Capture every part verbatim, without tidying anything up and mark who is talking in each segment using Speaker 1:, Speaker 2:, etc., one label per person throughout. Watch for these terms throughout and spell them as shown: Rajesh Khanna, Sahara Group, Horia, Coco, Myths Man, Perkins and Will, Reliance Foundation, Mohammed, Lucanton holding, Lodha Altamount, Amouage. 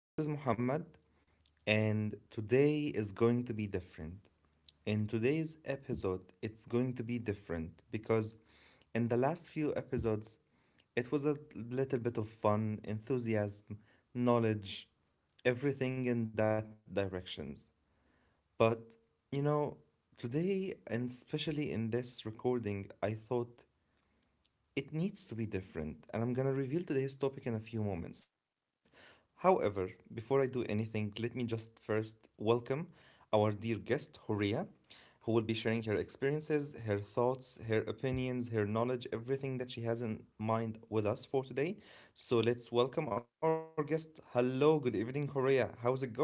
Speaker 1: This is Muhammad, and today is going to be different. In today's episode, it's going to be different because in the last few episodes, it was a little bit of fun, enthusiasm, knowledge, everything in that directions. But you know, today and especially in this recording, I thought it needs to be different, and I'm gonna reveal today's topic in a few moments. However, before I do anything, let me just first welcome our dear guest, Horia, who will be sharing her experiences, her thoughts, her opinions, her knowledge, everything that she has in mind with us for today. So let's welcome our guest. Hello, good evening, Horia. How's it going?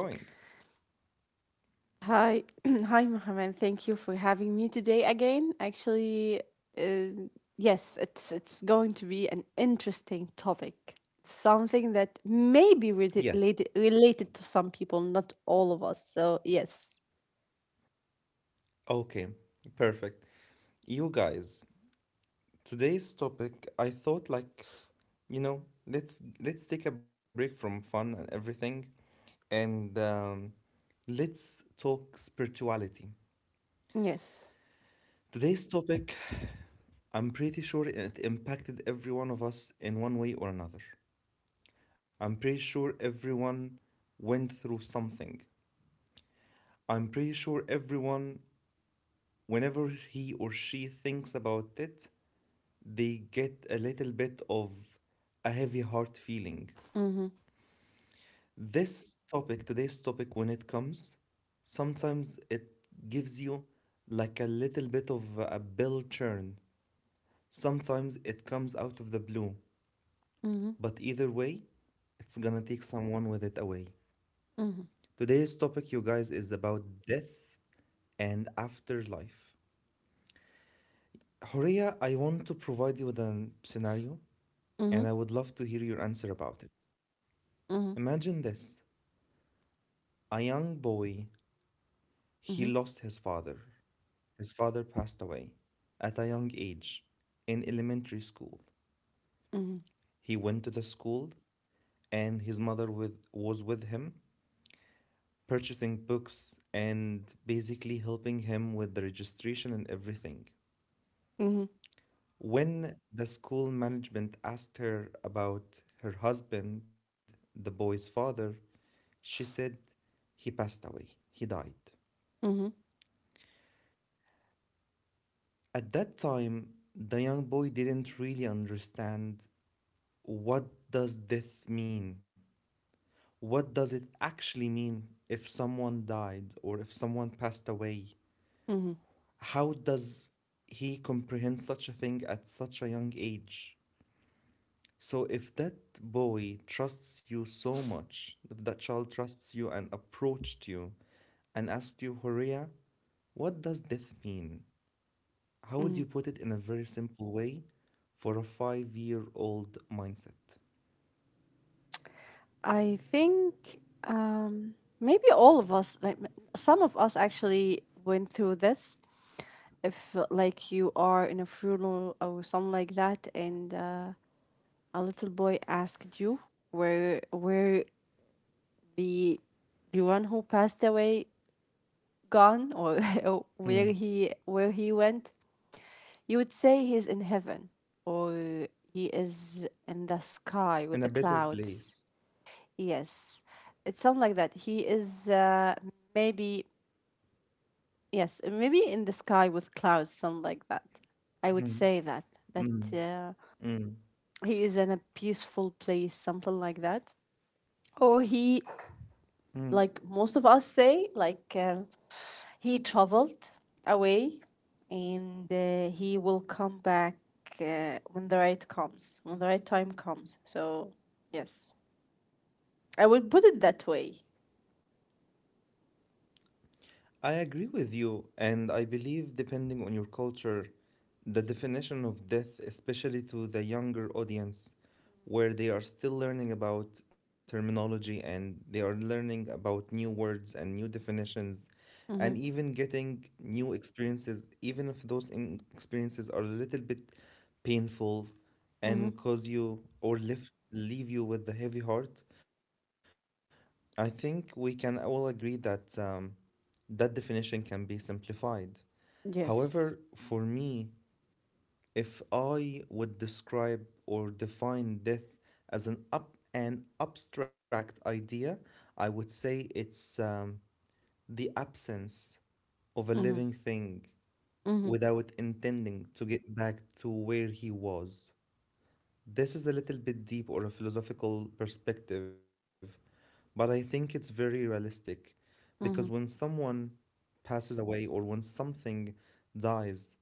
Speaker 2: Hi, hi, Mohammed. Thank you for having me today again. Actually, uh, yes, it's it's going to be an interesting topic. Something that may be
Speaker 1: Yes.
Speaker 2: related related to some people, not all of us. So yes,
Speaker 1: Okay, perfect. You guys, today's topic, I thought like, You know, let's let's take a break from fun and everything, and um, let's talk spirituality.
Speaker 2: yes.
Speaker 1: Today's topic, I'm pretty sure it impacted every one of us in one way or another. I'm pretty sure everyone went through something. I'm pretty sure everyone, whenever he or she thinks about it, they get a little bit of a heavy heart feeling.
Speaker 2: Mm-hmm.
Speaker 1: This topic, today's topic, when it comes, sometimes it gives you like a little bit of a bill churn. Sometimes it comes out of the blue,
Speaker 2: Mm-hmm.
Speaker 1: but either way, it's gonna take someone with it away.
Speaker 2: Mm-hmm.
Speaker 1: Today's topic, you guys, is about death and afterlife. Horia, I want to provide you with a scenario, and I would love to hear your answer about it.
Speaker 2: Mm-hmm.
Speaker 1: Imagine this, a young boy, he
Speaker 2: Mm-hmm.
Speaker 1: lost his father. His father passed away at a young age in elementary school.
Speaker 2: Mm-hmm.
Speaker 1: He went to the school, and his mother with, was with him, purchasing books and basically helping him with the registration and everything.
Speaker 2: Mm-hmm. Mm-hmm.
Speaker 1: When the school management asked her about her husband, the boy's father, she said he passed away, he died.
Speaker 2: Mm-hmm.
Speaker 1: At that time, the young boy didn't really understand what does death mean, what does it actually mean if someone died or if someone passed away?
Speaker 2: Mm-hmm.
Speaker 1: How does he comprehend such a thing at such a young age? So, if that boy trusts you so much, if that child trusts you and approached you and asked you, Horia, what does death mean? How would
Speaker 2: Mm-hmm.
Speaker 1: you put it in a very simple way for a five year old mindset?
Speaker 2: I think um, maybe all of us, like m- some of us, actually went through this if uh, like you are in a funeral or something like that and uh, a little boy asked you where where the the one who passed away gone or or
Speaker 1: Mm.
Speaker 2: where he where he went. You would say he's in heaven or he is in the sky with
Speaker 1: In
Speaker 2: the
Speaker 1: a better
Speaker 2: clouds.
Speaker 1: place.
Speaker 2: Yes, it's something like that. He is uh, maybe, yes, maybe in the sky with clouds, something like that. I would say
Speaker 1: Mm.
Speaker 2: that that
Speaker 1: Mm.
Speaker 2: uh,
Speaker 1: Mm.
Speaker 2: he is in a peaceful place, something like that. Or he,
Speaker 1: Mm.
Speaker 2: like most of us say, like uh, he traveled away and uh, he will come back uh, when the right comes, when the right time comes. So, yes, I would put it that way.
Speaker 1: I agree with you, and I believe depending on your culture, the definition of death, especially to the younger audience, where they are still learning about terminology and they are learning about new words and new definitions,
Speaker 2: Mm-hmm.
Speaker 1: and even getting new experiences, even if those in- experiences are a little bit painful
Speaker 2: Mm-hmm.
Speaker 1: and cause you or lift, leave you with a heavy heart. I think we can all agree that. Um, that definition can be simplified. However,
Speaker 2: Yes.
Speaker 1: for me, if I would describe or define death as an up an abstract idea, I would say it's um, the absence of a
Speaker 2: Mm-hmm.
Speaker 1: living thing
Speaker 2: Mm-hmm.
Speaker 1: without intending to get back to where he was. This is a little bit deep or a philosophical perspective, but I think it's very realistic because when
Speaker 2: Mm-hmm.
Speaker 1: someone passes away or when something dies,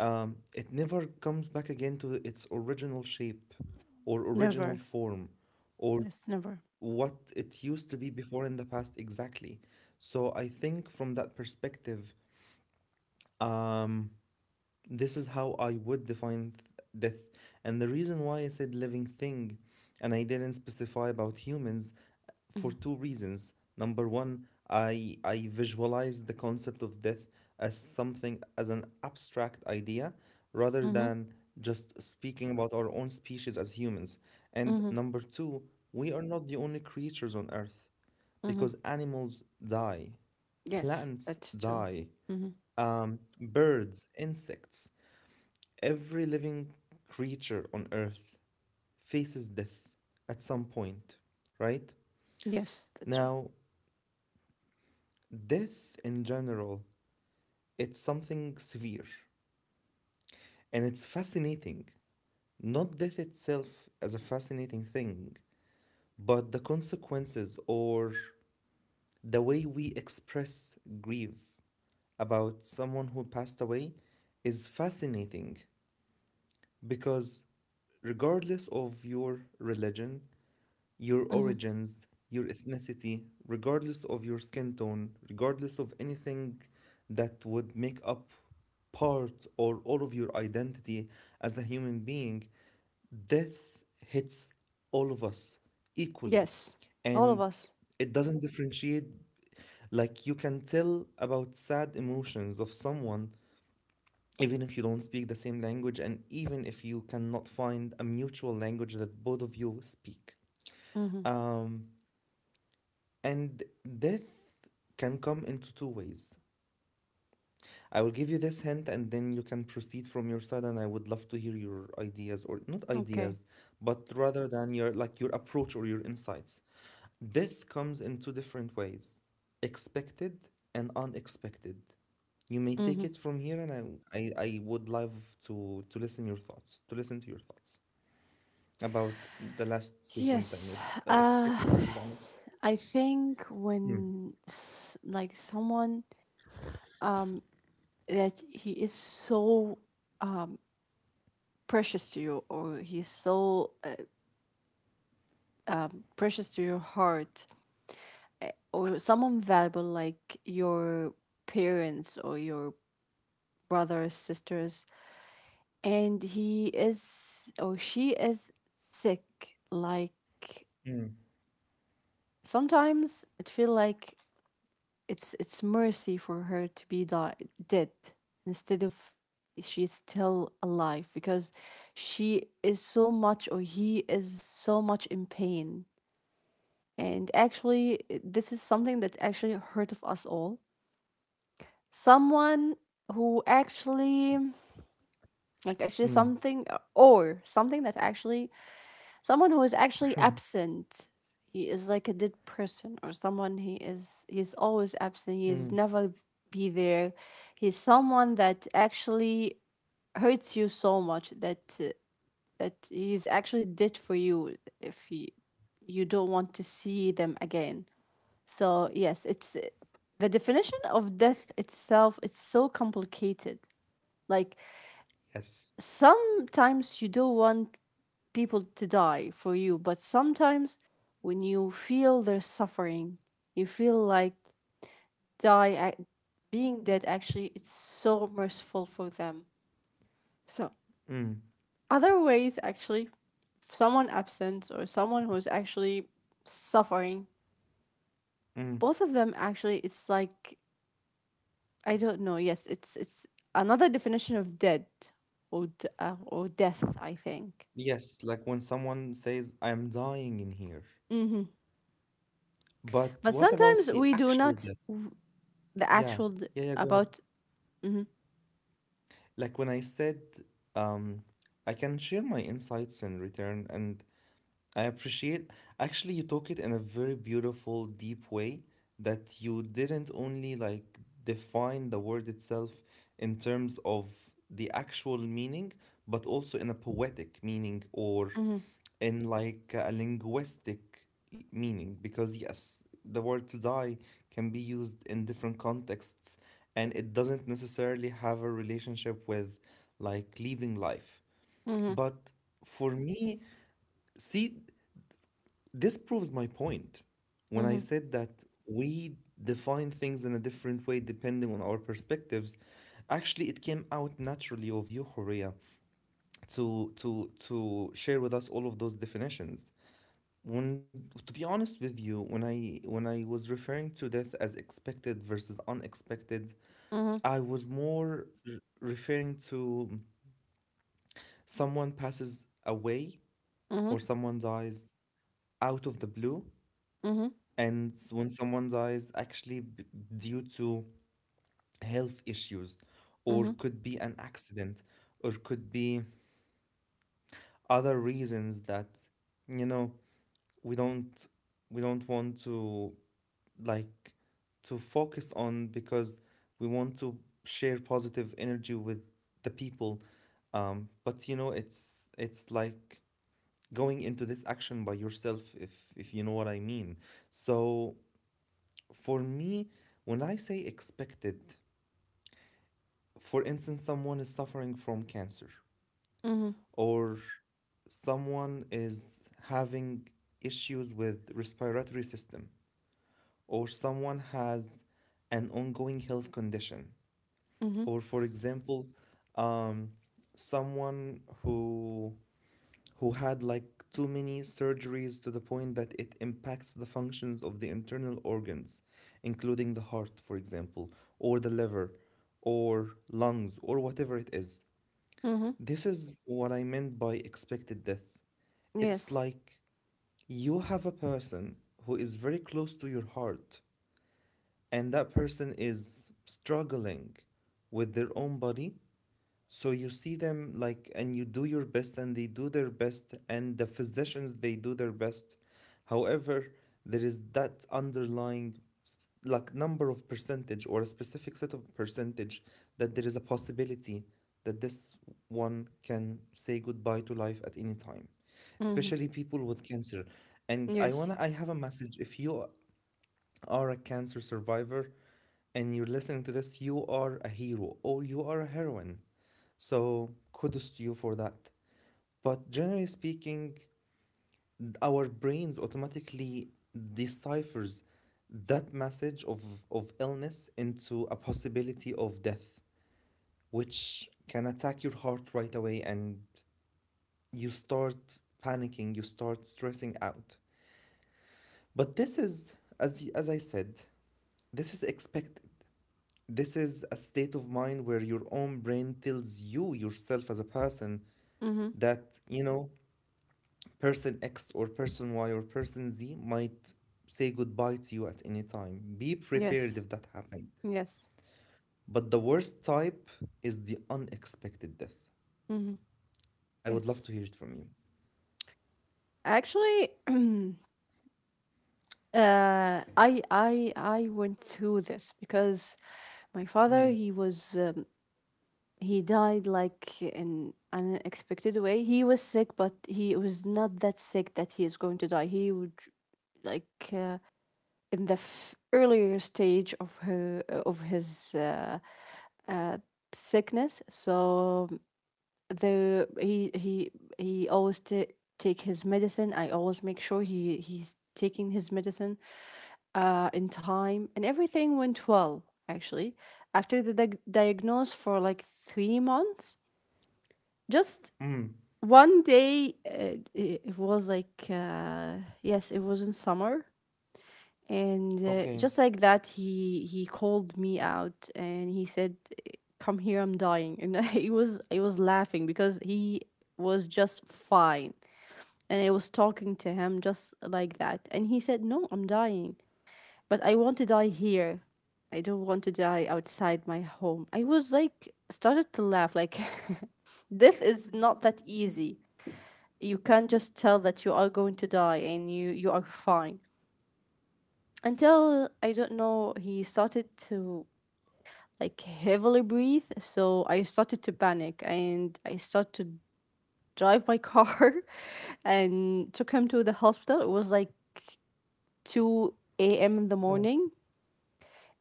Speaker 1: um, it never comes back again to its original shape or
Speaker 2: Never.
Speaker 1: original form or
Speaker 2: Yes, never.
Speaker 1: what it used to be before in the past exactly. So I think from that perspective, um, this is how I would define death. And the reason why I said living thing and I didn't specify about humans
Speaker 2: Mm-hmm.
Speaker 1: for two reasons. Number one, I I visualize the concept of death as something as an abstract idea rather
Speaker 2: Mm-hmm.
Speaker 1: than just speaking about our own species as humans. And
Speaker 2: Mm-hmm.
Speaker 1: number two, we are not the only creatures on earth
Speaker 2: Mm-hmm.
Speaker 1: because animals die,
Speaker 2: Yes,
Speaker 1: plants
Speaker 2: that's true.
Speaker 1: die,
Speaker 2: Mm-hmm.
Speaker 1: um, birds, insects. Every living creature on earth faces death at some point, right?
Speaker 2: Yes, that's right.
Speaker 1: Now, death in general, it's something severe and it's fascinating. Not death itself as a fascinating thing, but the consequences or the way we express grief about someone who passed away is fascinating because regardless of your religion, your
Speaker 2: Mm-hmm.
Speaker 1: origins, your ethnicity, regardless of your skin tone, regardless of anything that would make up part or all of your identity as a human being, death hits all of us equally.
Speaker 2: Yes, all of
Speaker 1: And
Speaker 2: us.
Speaker 1: it doesn't differentiate. Like you can tell about sad emotions of someone, even if you don't speak the same language, and even if you cannot find a mutual language that both of you speak.
Speaker 2: Hmm.
Speaker 1: Um, And death can come into two ways. I will give you this hint and then you can proceed from your side and I would love to hear your ideas or not
Speaker 2: Okay.
Speaker 1: ideas, but rather than your like your approach or your insights. Death comes in two different ways, expected and unexpected. You may take
Speaker 2: Hmm.
Speaker 1: it from here and I I, I would love to to listen your thoughts, to listen to your thoughts about the last statement that I
Speaker 2: Yes.
Speaker 1: made, s- uh,
Speaker 2: Uh,
Speaker 1: expected versus unexpected.
Speaker 2: I think
Speaker 1: Mm,
Speaker 2: when s- like someone, um that he is so precious to you, or he's so uh, precious to your heart, or someone valuable like your parents or your brothers, sisters, and he is or she is sick, like
Speaker 1: mm,
Speaker 2: sometimes it feel like it's it's mercy for her to be die- dead instead of she's still alive because she is so much or he is so much in pain. And actually this is something that actually hurt of us all. Someone who actually, like, actually
Speaker 1: mm,
Speaker 2: something, or something that actually... Someone who is actually absent. He is like a dead person, or someone he is he is always absent. He is
Speaker 1: mm.
Speaker 2: never be there. He's someone that actually hurts you so much that uh, that he's actually dead for you. If he, you don't want to see them again. So yes, it's the definition of death itself, it's so complicated. Like
Speaker 1: Yes.
Speaker 2: sometimes you don't want people to die for you. But sometimes when you feel their suffering, you feel like die ac- being dead actually, it's so merciful for them. So
Speaker 1: Mm,
Speaker 2: other ways actually, someone absent or someone who's actually suffering,
Speaker 1: mm.
Speaker 2: both of them actually, it's like, I don't know. Yes, it's it's another definition of dead or uh, or death, I think.
Speaker 1: Yes, like when someone says, I'm dying in here.
Speaker 2: hmm
Speaker 1: But
Speaker 2: but
Speaker 1: what about
Speaker 2: sometimes
Speaker 1: the
Speaker 2: we do
Speaker 1: actual
Speaker 2: not,
Speaker 1: death?
Speaker 2: the
Speaker 1: Yeah,
Speaker 2: actual d-
Speaker 1: yeah, yeah, go ahead.
Speaker 2: about, mhm,
Speaker 1: Like when I said, um, I can share my insights in return, and I appreciate actually you took it in a very beautiful, deep way that you didn't only like define the word itself in terms of the actual meaning, but also in a poetic meaning or
Speaker 2: mhm,
Speaker 1: in like a linguistic meaning. Because yes, the word to die can be used in different contexts and it doesn't necessarily have a relationship with like leaving life.
Speaker 2: mhm,
Speaker 1: But for me, see, this proves my point when I
Speaker 2: mhm,
Speaker 1: said that we define things in a different way depending on our perspectives. Actually, it came out naturally of you, Horea, to to to share with us all of those definitions. When to be honest with you, when I when I was referring to death as expected versus unexpected,
Speaker 2: mhm,
Speaker 1: I was more r- referring to someone passes away
Speaker 2: mhm,
Speaker 1: or someone dies out of the blue.
Speaker 2: mhm,
Speaker 1: And s- when someone dies, actually b- due to health issues, or
Speaker 2: mhm,
Speaker 1: could be an accident, or could be other reasons that, you know, we don't we don't want to like to focus on because we want to share positive energy with the people. Um, but you know, it's it's like going into this action by yourself if if you know what I mean. So for me, when I say expected, for instance, someone is suffering from cancer
Speaker 2: mhm,
Speaker 1: or someone is having issues with respiratory system or someone has an ongoing health condition
Speaker 2: mhm,
Speaker 1: or for example, um, someone who who had like too many surgeries to the point that it impacts the functions of the internal organs, including the heart, for example, or the liver, or lungs, or whatever it is.
Speaker 2: mhm.
Speaker 1: This is what I meant by expected death. It's
Speaker 2: Yes.
Speaker 1: like you have a person who is very close to your heart, and that person is struggling with their own body, so you see them like, and you do your best, and they do their best, and the physicians they do their best. However, there is that underlying s- like number of percentage or a specific set of percentage that there is a possibility that this one can say goodbye to life at any time,
Speaker 2: Mhm.
Speaker 1: especially people with cancer. And I
Speaker 2: Yes.
Speaker 1: wanna, I have a message. If you are a cancer survivor, and you're listening to this, you are a hero or you are a heroine. So kudos to you for that. But generally speaking, our brains automatically deciphers that message of, of illness into a possibility of death, which can attack your heart right away and you start panicking, you start stressing out. But this is, as, as I said, this is expected. This is a state of mind where your own brain tells you yourself as a person
Speaker 2: Mhm.
Speaker 1: that, you know, person X or person Y or person Z might say goodbye to you at any time. Be prepared
Speaker 2: Yes.
Speaker 1: if that happened.
Speaker 2: Yes.
Speaker 1: But the worst type is the unexpected death.
Speaker 2: Mhm.
Speaker 1: I would love to
Speaker 2: Yes.
Speaker 1: hear it from you.
Speaker 2: Actually, uh, I I I went through this because my father,
Speaker 1: Mm.
Speaker 2: he was um, he died like in an unexpected way. He was sick, but he was not that sick that he is going to die. He would, like uh, in the f- earlier stage of her of his uh, uh, sickness. So the he he he always t- take his medicine. I always make sure he he's taking his medicine uh, in time, and everything went well actually. After the diag diagnosis for like three months, just
Speaker 1: Mm.
Speaker 2: one day, uh, it it was like, uh, yes, it was in summer, and uh,
Speaker 1: Okay.
Speaker 2: just like that, he he called me out and he said, come here, I'm dying. And i was i was laughing because he was just fine and I was talking to him just like that. And he said, no, I'm dying, but I want to die here. I don't want to die outside my home. I was like, started to laugh, like this is not that easy. You can't just tell that you are going to die and you you are fine. Until, I don't know, he started to, like, heavily breathe. So I started to panic and I started to drive my car and took him to the hospital. It was like two a m in the
Speaker 1: Mm.
Speaker 2: morning.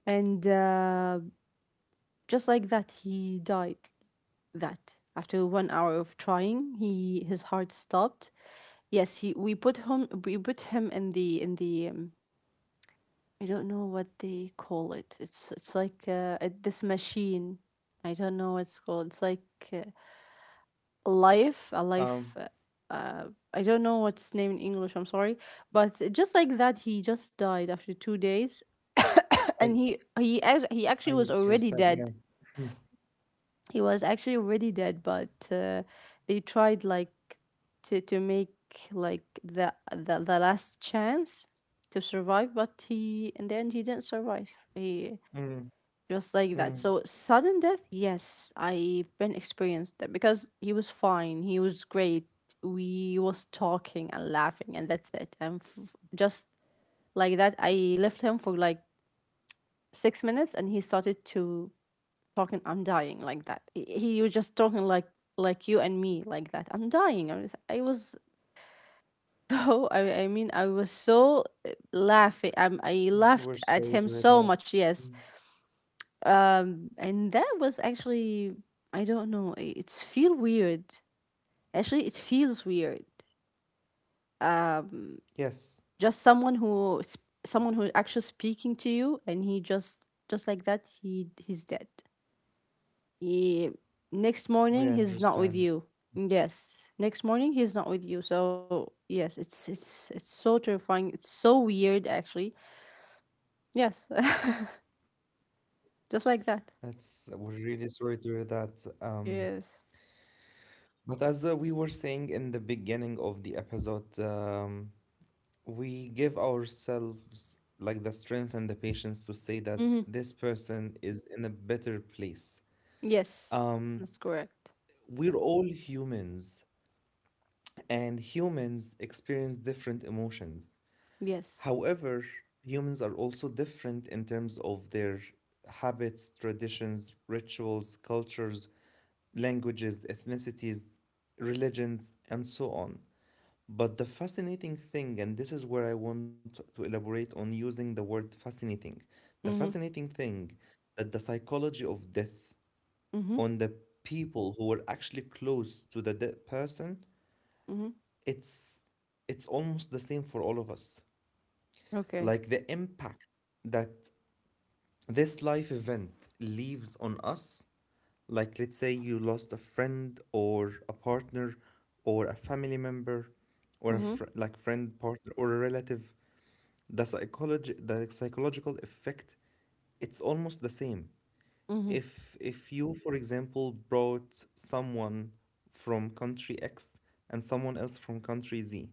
Speaker 2: And uh, just like that, he died. That after one hour of trying, he his heart stopped. Yes, he we put him we put him in the in the um, I don't know what they call it. It's it's like uh, uh, this machine. I don't know what it's called. It's like uh, a life, a
Speaker 1: Um,
Speaker 2: life. Uh, uh, I don't know what's name in English. I'm sorry, but just like that, he just died after two
Speaker 1: I
Speaker 2: days, and
Speaker 1: I
Speaker 2: he he
Speaker 1: understand.
Speaker 2: act-
Speaker 1: Yeah.
Speaker 2: he actually was
Speaker 1: Mm.
Speaker 2: already dead. He was actually already dead, but uh, they tried, like, to to make like the the the last chance to survive. But he, in the end, he didn't survive.
Speaker 1: Mm.
Speaker 2: He, just
Speaker 1: Mm.
Speaker 2: like that. So sudden death, yes, I've been experienced that because he was fine, he was great. We was talking and laughing, and that's it. And f- just like that, I left him for like six minutes, and he started to talking. I'm dying, like that. He he was just talking like like you and me, like that. I'm dying. I was I was so I I mean I was so, eh, laughing. I I
Speaker 1: so- We're
Speaker 2: laughed
Speaker 1: sorry to
Speaker 2: at
Speaker 1: hear
Speaker 2: him
Speaker 1: that.
Speaker 2: so much.
Speaker 1: Mm.
Speaker 2: Yes, Um, and that was actually, I don't know. i- It's feel weird. Actually, it feels weird. Um,
Speaker 1: Yes,
Speaker 2: just someone who s- someone who is actually speaking to you, and he, just just like that, he he's dead. He, next
Speaker 1: we
Speaker 2: morning he's not with
Speaker 1: understand.
Speaker 2: you. Yes, next morning he's not with you. So yes, it's it's it's so terrifying. It's so weird actually. Yes, just like that.
Speaker 1: That's we're really sorry to hear that. Um,
Speaker 2: Yes.
Speaker 1: but as uh, we were saying in the beginning of the episode, um, we give ourselves like the strength and the patience to say that
Speaker 2: Mm-hmm.
Speaker 1: this person is in a better place.
Speaker 2: Yes,
Speaker 1: Um,
Speaker 2: that's correct.
Speaker 1: we're all humans, and humans experience different emotions.
Speaker 2: Yes.
Speaker 1: However, humans are also different in terms of their habits, traditions, rituals, cultures, languages, ethnicities, religions, and so on. But the fascinating thing, and this is where I want to elaborate on using the word fascinating, the
Speaker 2: Mhm.
Speaker 1: fascinating thing that the psychology of death
Speaker 2: Mhm.
Speaker 1: on the people who were actually close to the dead person,
Speaker 2: Mhm.
Speaker 1: it's it's almost the same for all of us.
Speaker 2: Okay.
Speaker 1: Like the impact that this life event leaves on us, like let's say you lost a friend or a partner or a family member or a
Speaker 2: Mhm.
Speaker 1: fr- like friend partner or a relative. The psychology the psychological effect, it's almost the same.
Speaker 2: Mhm.
Speaker 1: If if you for example brought someone from country x and someone else from country z,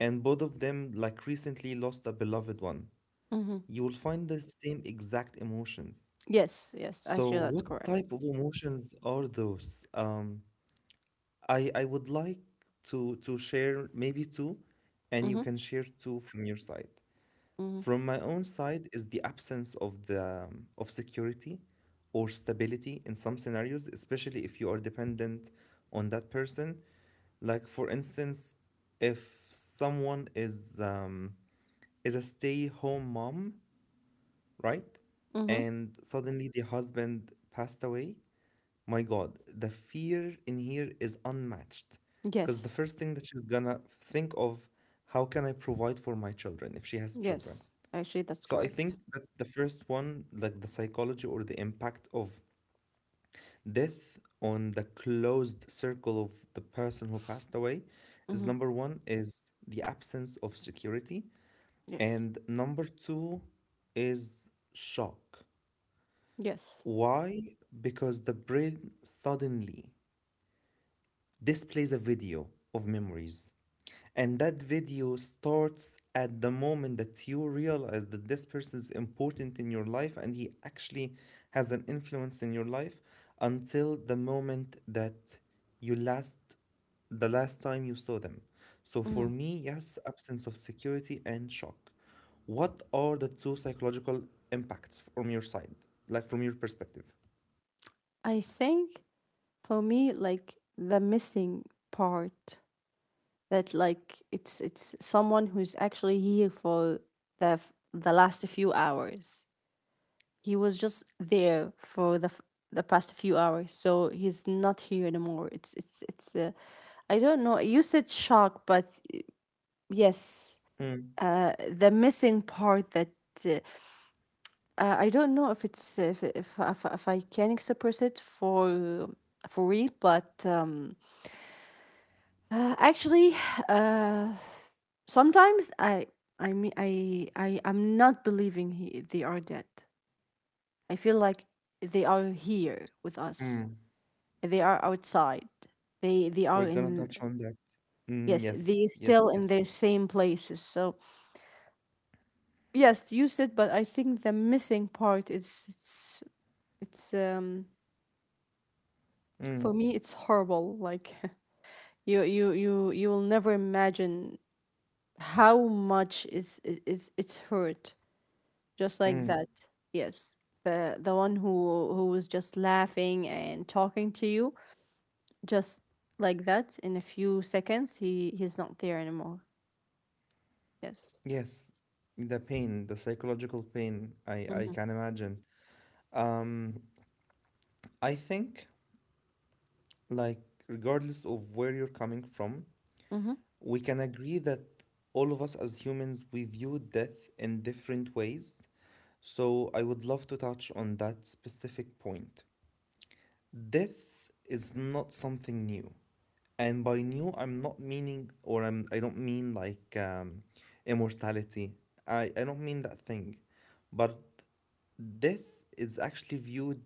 Speaker 1: and both of them like recently lost a beloved one,
Speaker 2: Mhm.
Speaker 1: you will find the same exact emotions.
Speaker 2: Yes. Yes.
Speaker 1: So
Speaker 2: Actually, that's
Speaker 1: what
Speaker 2: correct.
Speaker 1: type of emotions are those? Um i i would like to to share maybe two, and you
Speaker 2: Mhm.
Speaker 1: can share two from your side.
Speaker 2: Mhm.
Speaker 1: From my own side is the absence of the of security or stability in some scenarios, especially if you are dependent on that person. Like for instance, if someone is um, is a stay-home mom, right?
Speaker 2: Mhm.
Speaker 1: And suddenly the husband passed away. My God, the fear in here is unmatched. Because the
Speaker 2: Yes.
Speaker 1: first thing that she's gonna think of, how can I provide for my children if she has children?
Speaker 2: Yes. Actually, that's
Speaker 1: So I think
Speaker 2: correct.
Speaker 1: that the first one, like the psychology or the impact of death on the closed circle of the person who passed away, is
Speaker 2: Mhm.
Speaker 1: number one is the absence of security,
Speaker 2: Yes.
Speaker 1: and number two is shock.
Speaker 2: Yes.
Speaker 1: Why? Because the brain suddenly displays a video of memories. And that video starts at the moment that you realize that this person is important in your life and he actually has an influence in your life until the moment that you last, the last time you saw them. So for
Speaker 2: Mhm.
Speaker 1: me, yes, absence of security and shock. What are the two psychological impacts from your side, like from your perspective?
Speaker 2: I think for me, like, the missing part that, like, it's it's someone who's actually here for the f- the last few hours. He was just there for the f- the past few hours, so he's not here anymore. It's it's it's. Uh, I don't know. You said shock, but uh, yes,
Speaker 1: Mm,
Speaker 2: uh, the missing part that uh, uh, I don't know if it's if if if, if I can express it for for real. But um, uh, actually, uh, sometimes I I mean, I I am not believing he, they are dead. I feel like they are here with us.
Speaker 1: mm.
Speaker 2: They are outside. They they are
Speaker 1: We're gonna
Speaker 2: in,
Speaker 1: touch on that. Mm,
Speaker 2: yes, they
Speaker 1: yes,
Speaker 2: still
Speaker 1: yes,
Speaker 2: in
Speaker 1: yes.
Speaker 2: their same places. So yes, use it, but I think the missing part is, it's it's um
Speaker 1: Mm,
Speaker 2: for me, it's horrible. Like you you you you will never imagine how much is is is it's hurt, just like
Speaker 1: mm,
Speaker 2: that. Yes. The the one who who was just laughing and talking to you, just like that, in a few seconds he he's not there anymore. Yes.
Speaker 1: yes. The pain, the psychological pain, I, I
Speaker 2: Mhm,
Speaker 1: can imagine. Um, I think, like, regardless of where you're coming from,
Speaker 2: mhm,
Speaker 1: we can agree that all of us as humans, we view death in different ways. So I would love to touch on that specific point. Death is not something new. And by new, i'm not meaning or i'm I don't mean like um, immortality. I, I don't mean that thing, but death is actually viewed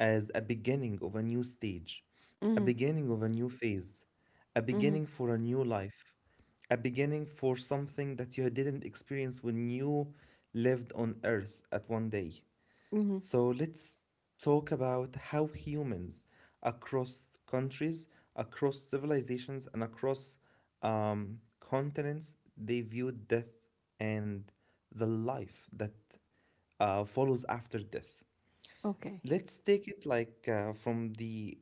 Speaker 1: as a beginning of a new stage, a
Speaker 2: mhm,
Speaker 1: beginning of a new phase, a
Speaker 2: mhm,
Speaker 1: beginning for a new life, a beginning for something that you didn't experience when you lived on earth at one day.
Speaker 2: mhm.
Speaker 1: So let's talk about how humans across countries, across civilizations, and across um, continents, they viewed death and the life that uh, follows after death.
Speaker 2: Okay.
Speaker 1: Let's take it like uh, from the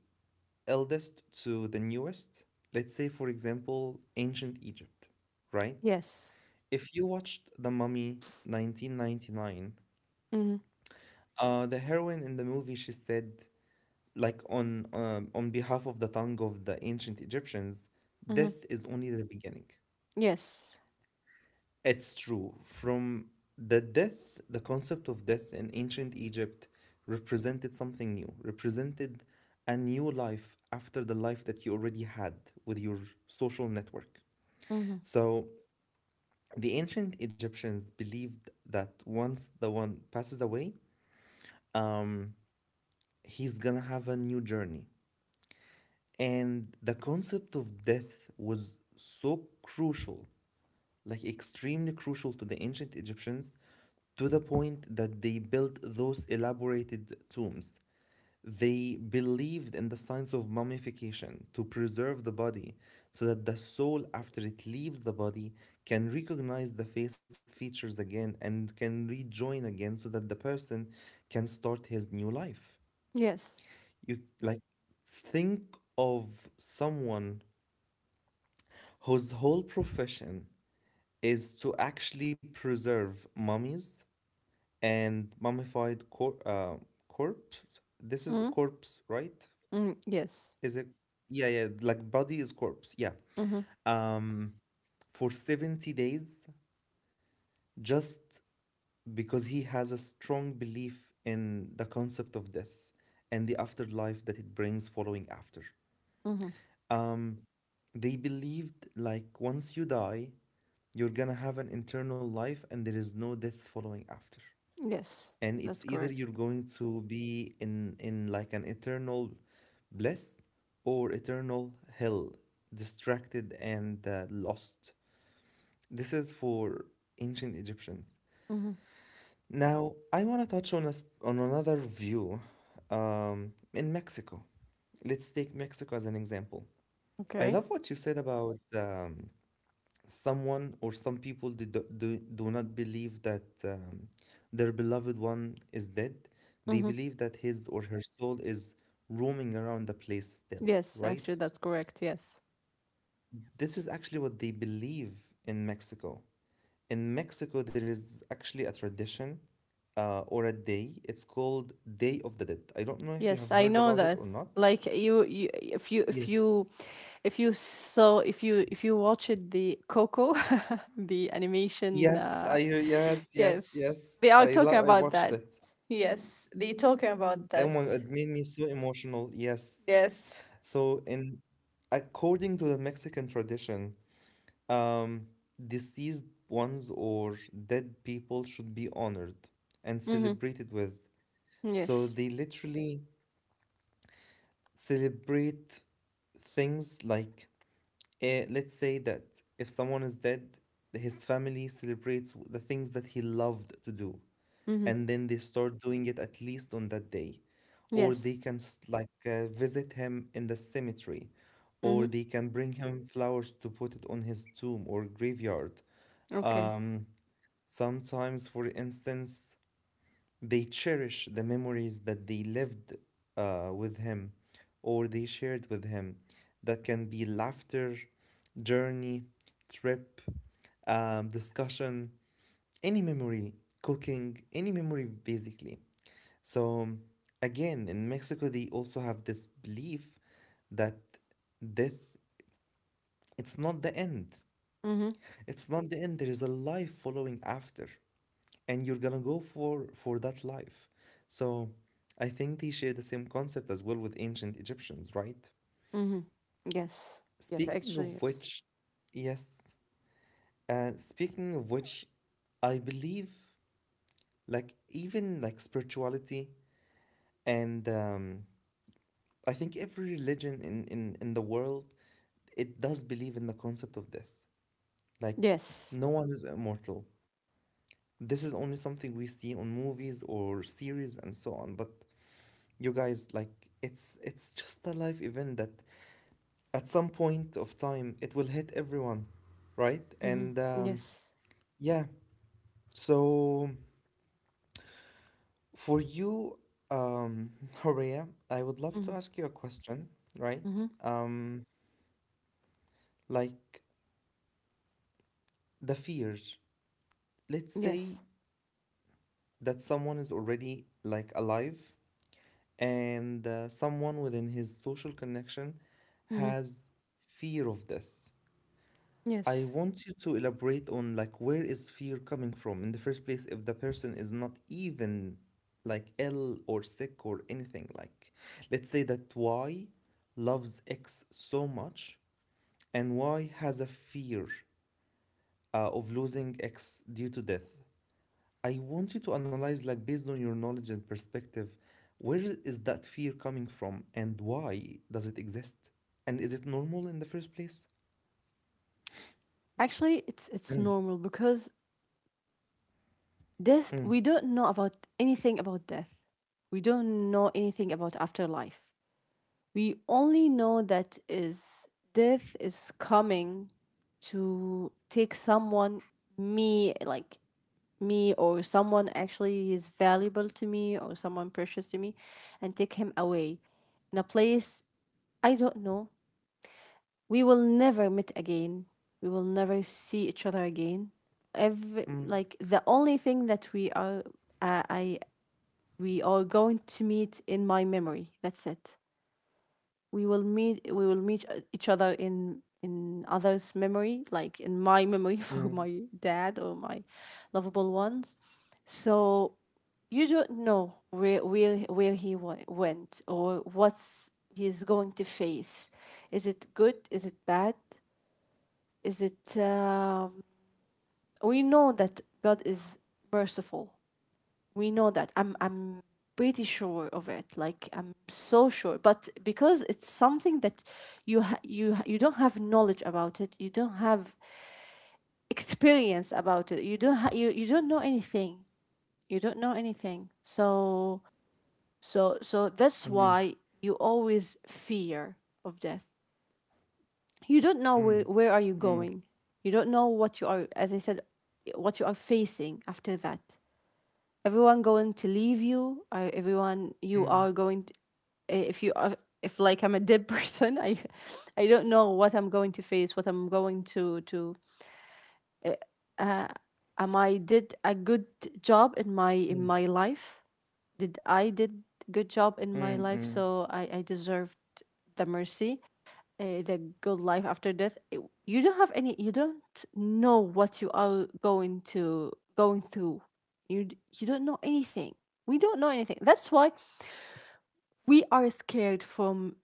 Speaker 1: eldest to the newest. Let's say, for example, ancient Egypt, right?
Speaker 2: Yes.
Speaker 1: If you watched The Mummy nineteen ninety-nine,
Speaker 2: Mhm,
Speaker 1: uh, the heroine in the movie, she said, like, on um, on behalf of the tongue of the ancient Egyptians,
Speaker 2: mhm.
Speaker 1: death is only the beginning.
Speaker 2: Yes.
Speaker 1: It's true. From the death, the concept of death in ancient Egypt represented something new, represented a new life after the life that you already had with your social network.
Speaker 2: Mhm.
Speaker 1: So the ancient Egyptians believed that once the one passes away, um, he's gonna have a new journey. And the concept of death was so crucial, like extremely crucial to the ancient Egyptians, to the point that they built those elaborated tombs. They believed in the science of mummification to preserve the body so that the soul, after it leaves the body, can recognize the face features again and can rejoin again so that the person can start his new life.
Speaker 2: Yes.
Speaker 1: You like think of someone whose whole profession is to actually preserve mummies and mummified cor- uh, corpse. This is
Speaker 2: Mhm,
Speaker 1: corpse, right?
Speaker 2: mhm. Yes.
Speaker 1: Is it? Yeah, yeah. Like body is corpse. Yeah.
Speaker 2: Mhm,
Speaker 1: Um, for seventy days, just because he has a strong belief in the concept of death and the afterlife that it brings following after.
Speaker 2: mhm.
Speaker 1: Um, they believed like once you die, you're gonna have an internal life and there is no death following after.
Speaker 2: Yes.
Speaker 1: And it's
Speaker 2: That's
Speaker 1: either
Speaker 2: correct.
Speaker 1: you're going to be in in like an eternal bliss or eternal hell, distracted and uh, lost. This is for ancient Egyptians.
Speaker 2: Mhm.
Speaker 1: Now, I want to touch on us on another view um, in Mexico. Let's take Mexico as an example. I
Speaker 2: Okay.
Speaker 1: love what you said about um, someone or some people do, do, do not believe that um, their beloved one is dead. They
Speaker 2: Mhm.
Speaker 1: believe that his or her soul is roaming around the place still,
Speaker 2: Yes,
Speaker 1: right?
Speaker 2: actually that's correct. Yes.
Speaker 1: This is actually what they believe in Mexico. In Mexico, there is actually a tradition uh, or a day. It's called Day of the Dead. I don't know if you
Speaker 2: Yes,
Speaker 1: have
Speaker 2: I
Speaker 1: heard
Speaker 2: know
Speaker 1: about it or
Speaker 2: that.
Speaker 1: not.
Speaker 2: Like you, you if you, if
Speaker 1: Yes.
Speaker 2: you, if you saw, if you, if you watched the Coco, the animation,
Speaker 1: Yes,
Speaker 2: uh
Speaker 1: I yes, yes, yes.
Speaker 2: yes, they are
Speaker 1: I
Speaker 2: talking
Speaker 1: lo- I
Speaker 2: about
Speaker 1: watched
Speaker 2: that.
Speaker 1: it.
Speaker 2: Yes, they talking about
Speaker 1: Oh
Speaker 2: that.
Speaker 1: my God, it made me so emotional. Yes.
Speaker 2: Yes.
Speaker 1: So, in according to the Mexican tradition, um, deceased ones or dead people should be honored and
Speaker 2: Mm-hmm.
Speaker 1: celebrated with. So
Speaker 2: Yes.
Speaker 1: they literally celebrate things like, eh, let's say that if someone is dead, his family celebrates the things that he loved to do.
Speaker 2: Mm-hmm.
Speaker 1: And then they start doing it at least on that day, or they
Speaker 2: Yes.
Speaker 1: can s- like uh, visit him in the cemetery,
Speaker 2: Mm-hmm.
Speaker 1: or they can bring him flowers to put it on his tomb or graveyard.
Speaker 2: Okay.
Speaker 1: um, Sometimes for instance they cherish the memories that they lived uh, with him or they shared with him. That can be laughter, journey, trip, um, discussion, any memory, cooking, any memory basically. So, again, in Mexico, they also have this belief that death, it's not the end.
Speaker 2: Mm-hmm.
Speaker 1: It's not the end. There is a life following after, and you're gonna go for for that life. So, I think they share the same concept as well with ancient Egyptians, right?
Speaker 2: Mm-hmm. Yes. Yes.
Speaker 1: Speaking
Speaker 2: Actually,
Speaker 1: of
Speaker 2: yes.
Speaker 1: which, yes. Uh, speaking of which, I believe, like, even like spirituality and um, I think every religion in, in in the world, it does believe in the concept of death. Like,
Speaker 2: Yes.
Speaker 1: no one is immortal. This is only something we see on movies or series and so on. But you guys, like, it's it's just a life event that at some point of time it will hit everyone, right?
Speaker 2: Mm-hmm.
Speaker 1: And um,
Speaker 2: Yes.
Speaker 1: yeah, so for you, um, Horea, I would love
Speaker 2: Mm-hmm.
Speaker 1: to ask you a question, right?
Speaker 2: Mm-hmm.
Speaker 1: Um, like the fear. Let's say
Speaker 2: Yes.
Speaker 1: that someone is already like alive and uh, someone within his social connection
Speaker 2: Mm-hmm.
Speaker 1: has fear of death. I
Speaker 2: Yes.
Speaker 1: want you to elaborate on, like, where is fear coming from in the first place if the person is not even like ill or sick or anything, like let's say that Y loves X so much and Y has a fear uh, of losing X due to death. I want you to analyze, like, based on your knowledge and perspective, where is that fear coming from and why does it exist? And is it normal in the first place?
Speaker 2: Actually, it's it's
Speaker 1: Mm,
Speaker 2: normal because
Speaker 1: mm,
Speaker 2: death, we don't know about anything about death. We don't know anything about afterlife. We only know that is, death is coming to take someone, me, like me or someone actually is valuable to me, or someone precious to me, and take him away in a place I don't know. We will never meet again. We will never see each other again. Every,
Speaker 1: mm,
Speaker 2: like, the only thing that we are, uh, I we are going to meet in my memory. That's it. We will meet we will meet each other in in others' memory, like in my memory for
Speaker 1: mm,
Speaker 2: my dad or my lovable ones. So you don't know where where where he wa- went, or what's he's going to face. Is it good? Is it bad? Is it? Um, we know that God is merciful. We know that. I'm I'm pretty sure of it. Like I'm so sure. But because it's something that you ha- you ha- you don't have knowledge about it. You don't have experience about it. You don't ha- you you don't know anything. You don't know anything. So, So
Speaker 1: mm,
Speaker 2: so that's why you always fear of death. You
Speaker 1: mm,
Speaker 2: don't know where,
Speaker 1: mm,
Speaker 2: where are you going. You don't know what you are, as I said, what you are facing after that. Everyone going to leave you, or
Speaker 1: mm,
Speaker 2: everyone you are going to, if you are if like I'm a dead person, I I don't know what I'm going to face, what I'm going to to uh am I did a good job
Speaker 1: mm,
Speaker 2: in my in my life? Did I did good
Speaker 1: mm,
Speaker 2: job in
Speaker 1: mm.
Speaker 2: my life, so I I deserved the mercy, uh, the good life after death. It- you don't have any. You don't know what you are going to going through. You d- you don't know anything. We don't know anything. That's why we are scared from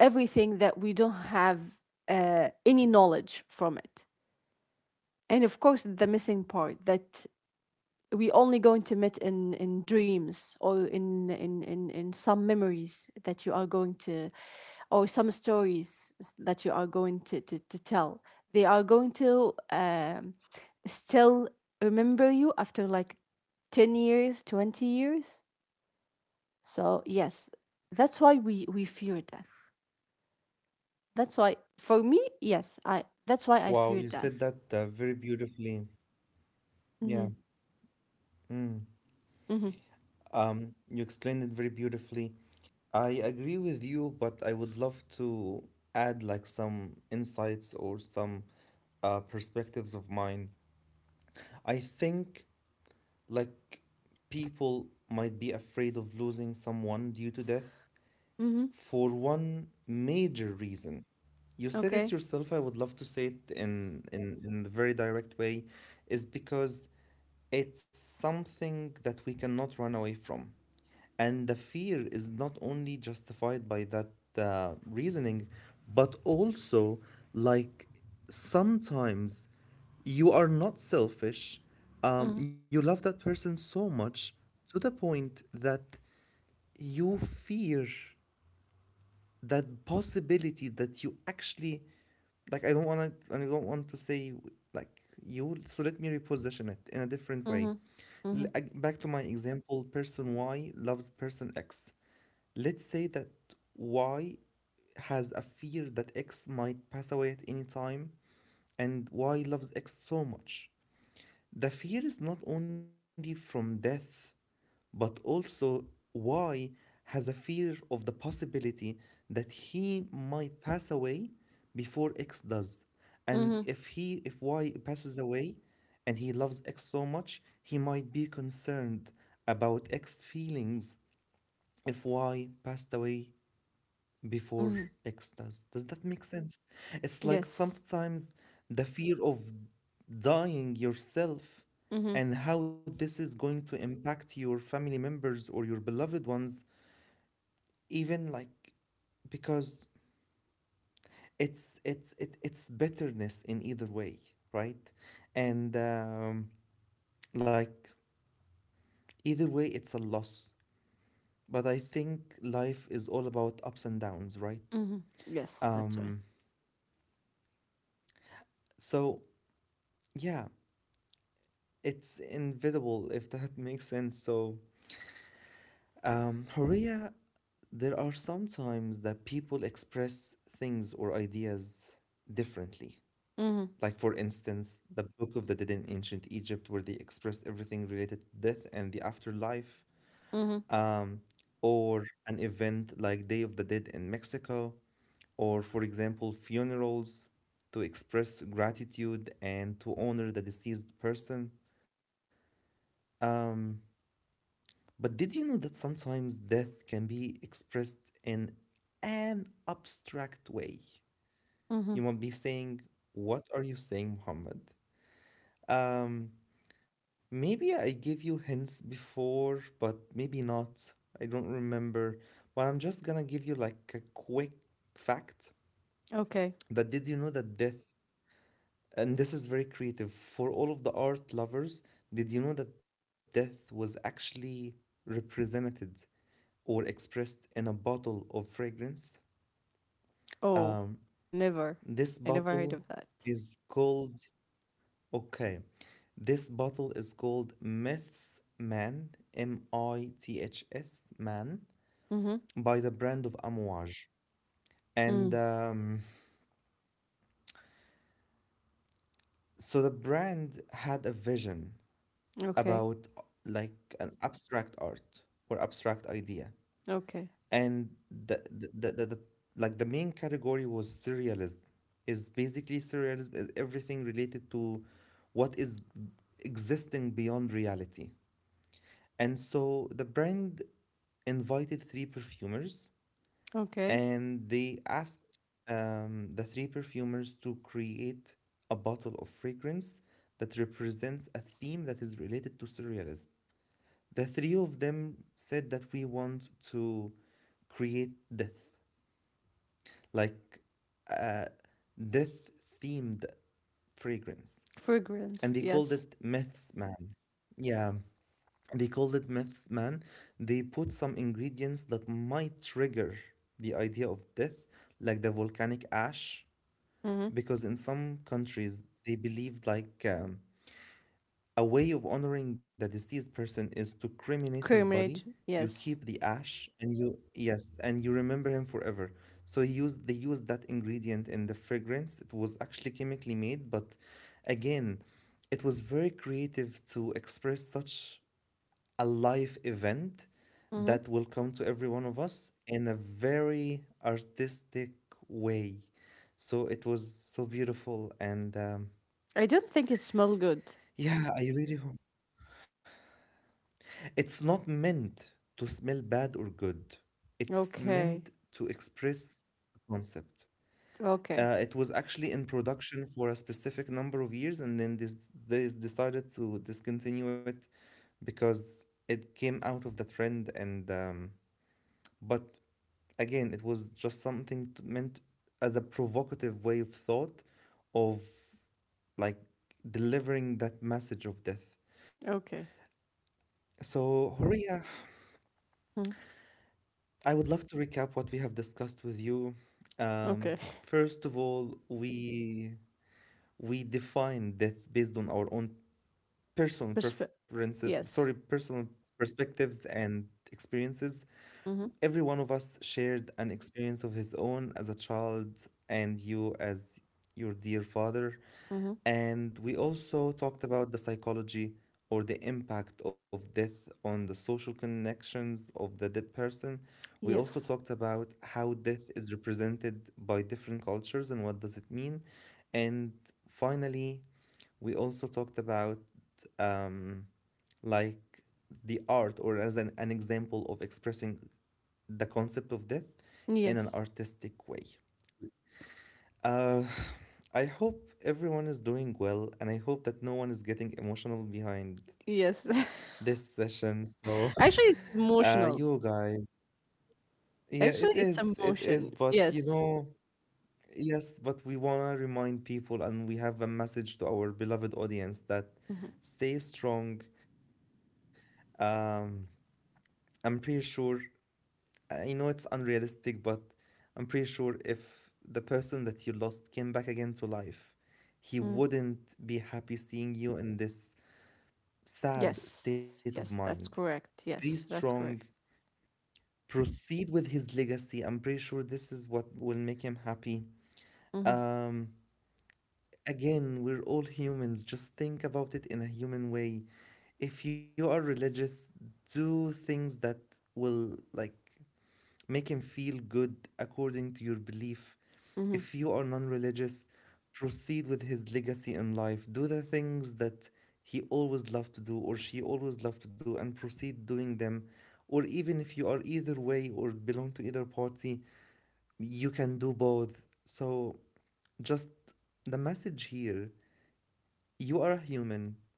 Speaker 2: everything that we don't have uh, any knowledge from it. And of course, the missing part that we only going to meet in, in dreams, or in, in in, in some memories that you are going to, or some stories that you are going to, to, to tell. They are going to um, still remember you after like ten years, twenty years. So yes, that's why we we fear death. That's why for me, yes, I, that's why
Speaker 1: Wow,
Speaker 2: I
Speaker 1: you
Speaker 2: fear
Speaker 1: said that
Speaker 2: death.
Speaker 1: uh, very beautifully. Yeah.
Speaker 2: Mm-hmm,
Speaker 1: Mm.
Speaker 2: mm-hmm,
Speaker 1: Um, you explained it very beautifully. I agree with you, but I would love to add like some insights or some uh, perspectives of mine. I think, like, people might be afraid of losing someone due to death
Speaker 2: mm-hmm.
Speaker 1: for one major reason. You said
Speaker 2: Okay.
Speaker 1: it yourself, I would love to say it in in, in the very direct way, is because it's something that we cannot run away from. And the fear is not only justified by that uh, reasoning, but also, like, sometimes you are not selfish. Um,
Speaker 2: Mm-hmm,
Speaker 1: you love that person so much to the point that you fear that possibility that you actually, like, I don't wanna I don't want to say, like, you, so let me reposition it in a different way.
Speaker 2: mm-hmm,
Speaker 1: L- ag- Back to my example, person Y loves person X. Let's say that Y has a fear that X might pass away at any time, and Y loves X so much. The fear is not only from death but also Y has a fear of the possibility that he might pass away before X does. And
Speaker 2: mm-hmm,
Speaker 1: if he if Y passes away and he loves X so much, he might be concerned about X's feelings if Y passed away before
Speaker 2: mm-hmm.
Speaker 1: extras. Does that make sense? It's like
Speaker 2: Yes.
Speaker 1: sometimes the fear of dying yourself
Speaker 2: Mm-hmm.
Speaker 1: and how this is going to impact your family members or your beloved ones, even like because it's it's it, it's bitterness in either way, right? And um, like, either way, it's a loss. But I think life is all about ups and downs, right?
Speaker 2: Mm-hmm. Yes, that's why.
Speaker 1: Um, so, yeah, it's inevitable if that makes sense. So, um, Horia, there are sometimes that people express things or ideas differently.
Speaker 2: Mm-hmm.
Speaker 1: Like, for instance, the Book of the Dead in ancient Egypt, where they expressed everything related to death and the afterlife,
Speaker 2: Mm-hmm.
Speaker 1: um, or an event like Day of the Dead in Mexico, or, for example, funerals to express gratitude and to honor the deceased person. Um, But did you know that sometimes death can be expressed in an abstract way?
Speaker 2: Mm-hmm.
Speaker 1: You might be saying, what are you saying, Muhammad? Um, Maybe I gave you hints before, but maybe not. I don't remember. But I'm just gonna give you like a quick fact,
Speaker 2: Okay.
Speaker 1: that did you know that death, and this is very creative for all of the art lovers, did you know that death was actually represented or expressed in a bottle of fragrance?
Speaker 2: Oh,
Speaker 1: Um,
Speaker 2: never.
Speaker 1: this
Speaker 2: I never heard of
Speaker 1: bottle
Speaker 2: that.
Speaker 1: is called, okay, this bottle is called Myths Man, M I T H S Man,
Speaker 2: Mm-hmm.
Speaker 1: by the brand of Amouage.
Speaker 2: Mm.
Speaker 1: And um, So the brand had a vision
Speaker 2: Okay.
Speaker 1: about uh, like an abstract art or abstract idea.
Speaker 2: Okay.
Speaker 1: And the the, the, the, like, the main category was surrealism. Is basically surrealism is everything related to what is existing beyond reality. And so the brand invited three perfumers,
Speaker 2: Okay.
Speaker 1: and they asked um, the three perfumers to create a bottle of fragrance that represents a theme that is related to surrealism. The three of them said that we want to create death. Like, death themed fragrance,
Speaker 2: Fragrance.
Speaker 1: and they called
Speaker 2: Yes.
Speaker 1: it myths man. Yeah, they called it myths man. They put some ingredients that might trigger the idea of death, like the volcanic ash,
Speaker 2: Mm-hmm.
Speaker 1: because in some countries they believed like, um, a way of honoring the deceased person is to cremate his body.
Speaker 2: Cremate.
Speaker 1: You
Speaker 2: Yes.
Speaker 1: keep the ash and you, yes, and you remember him forever. So he used they used that ingredient in the fragrance. It was actually chemically made, but again, it was very creative to express such a life event
Speaker 2: Mm-hmm.
Speaker 1: that will come to every one of us in a very artistic way. So it was so beautiful, and um,
Speaker 2: I don't think it smelled good.
Speaker 1: yeah, I really hope. It's not meant to smell bad or good. It's
Speaker 2: Okay.
Speaker 1: meant to express a concept.
Speaker 2: Okay.
Speaker 1: Uh, it was actually in production for a specific number of years, and then this they decided to discontinue it because it came out of the trend. And um, But again, it was just something t- meant as a provocative way of thought, of, like, delivering that message of death.
Speaker 2: Okay.
Speaker 1: So, Horia,
Speaker 2: Mhm.
Speaker 1: I would love to recap what we have discussed with you. Um,
Speaker 2: Okay.
Speaker 1: First of all, we we define death based on our own personal
Speaker 2: Respect.
Speaker 1: preferences, sorry,
Speaker 2: Yes.
Speaker 1: personal perspectives and experiences.
Speaker 2: Mm-hmm.
Speaker 1: Every one of us shared an experience of his own as a child, and you as your dear father.
Speaker 2: Mm-hmm.
Speaker 1: And we also talked about the psychology or the impact of death on the social connections of the dead person. We also
Speaker 2: Yes.
Speaker 1: talked about how death is represented by different cultures and what does it mean. And finally, we also talked about um, like, the art or as an, an example of expressing the concept of death in an
Speaker 2: Yes.
Speaker 1: artistic way. Uh, I hope everyone is doing well, and I hope that no one is getting emotional behind
Speaker 2: Yes.
Speaker 1: this session. So,
Speaker 2: Actually, it's
Speaker 1: uh,
Speaker 2: emotional.
Speaker 1: you guys, yeah,
Speaker 2: Actually,
Speaker 1: it
Speaker 2: it's
Speaker 1: is,
Speaker 2: a
Speaker 1: it
Speaker 2: motion.
Speaker 1: is, but you
Speaker 2: Yes.
Speaker 1: know, yes, but we want to remind people, and we have a message to our beloved audience that stay strong. Um, I'm pretty sure, I know it's unrealistic, but I'm pretty sure if the person that you lost came back again to life, he
Speaker 2: Mm.
Speaker 1: wouldn't be happy seeing you in this sad state
Speaker 2: Yes.
Speaker 1: of
Speaker 2: Yes,
Speaker 1: mind.
Speaker 2: that's correct.
Speaker 1: Be
Speaker 2: Yes, that's
Speaker 1: strong,
Speaker 2: correct.
Speaker 1: proceed with his legacy. I'm pretty sure this is what will make him happy.
Speaker 2: Mm-hmm.
Speaker 1: Um, Again, we're all humans. Just think about it in a human way. If you are religious, do things that will, like, make him feel good according to your belief.
Speaker 2: Mm-hmm.
Speaker 1: If you are non religious, proceed with his legacy in life. Do the things that he always loved to do or she always loved to do, and proceed doing them. Or even if you are either way or belong to either party, you can do both. So, just, the message here, you are a human.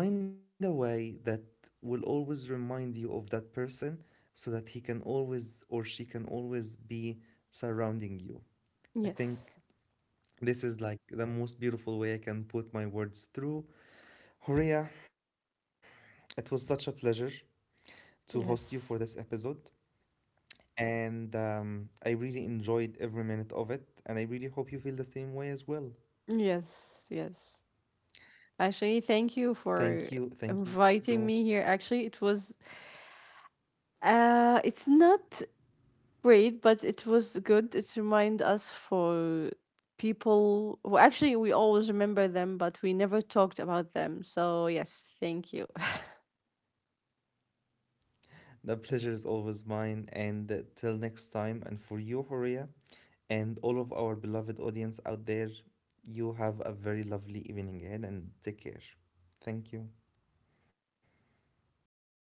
Speaker 1: Find a way that will always remind you of that person so that he can always or she can always be surrounding you. I think
Speaker 2: Yes.
Speaker 1: this is like the most beautiful way I can put my words through. Horia, it was such a pleasure to host you for this episode.
Speaker 2: Yes.
Speaker 1: And um, I really enjoyed every minute of it. And I really hope you feel the same way as well.
Speaker 2: Yes. Yes. Actually, thank you for
Speaker 1: Thank you. Thank you so much.
Speaker 2: inviting me here. Actually, it was uh it's not great, but it was good. It remind us for people who actually we always remember them, but we never talked about them. So, yes, thank you.
Speaker 1: The pleasure is always mine. And uh, till next time, and for you, Horia, and all of our beloved audience out there, you have a very lovely evening ahead and take care. Thank you.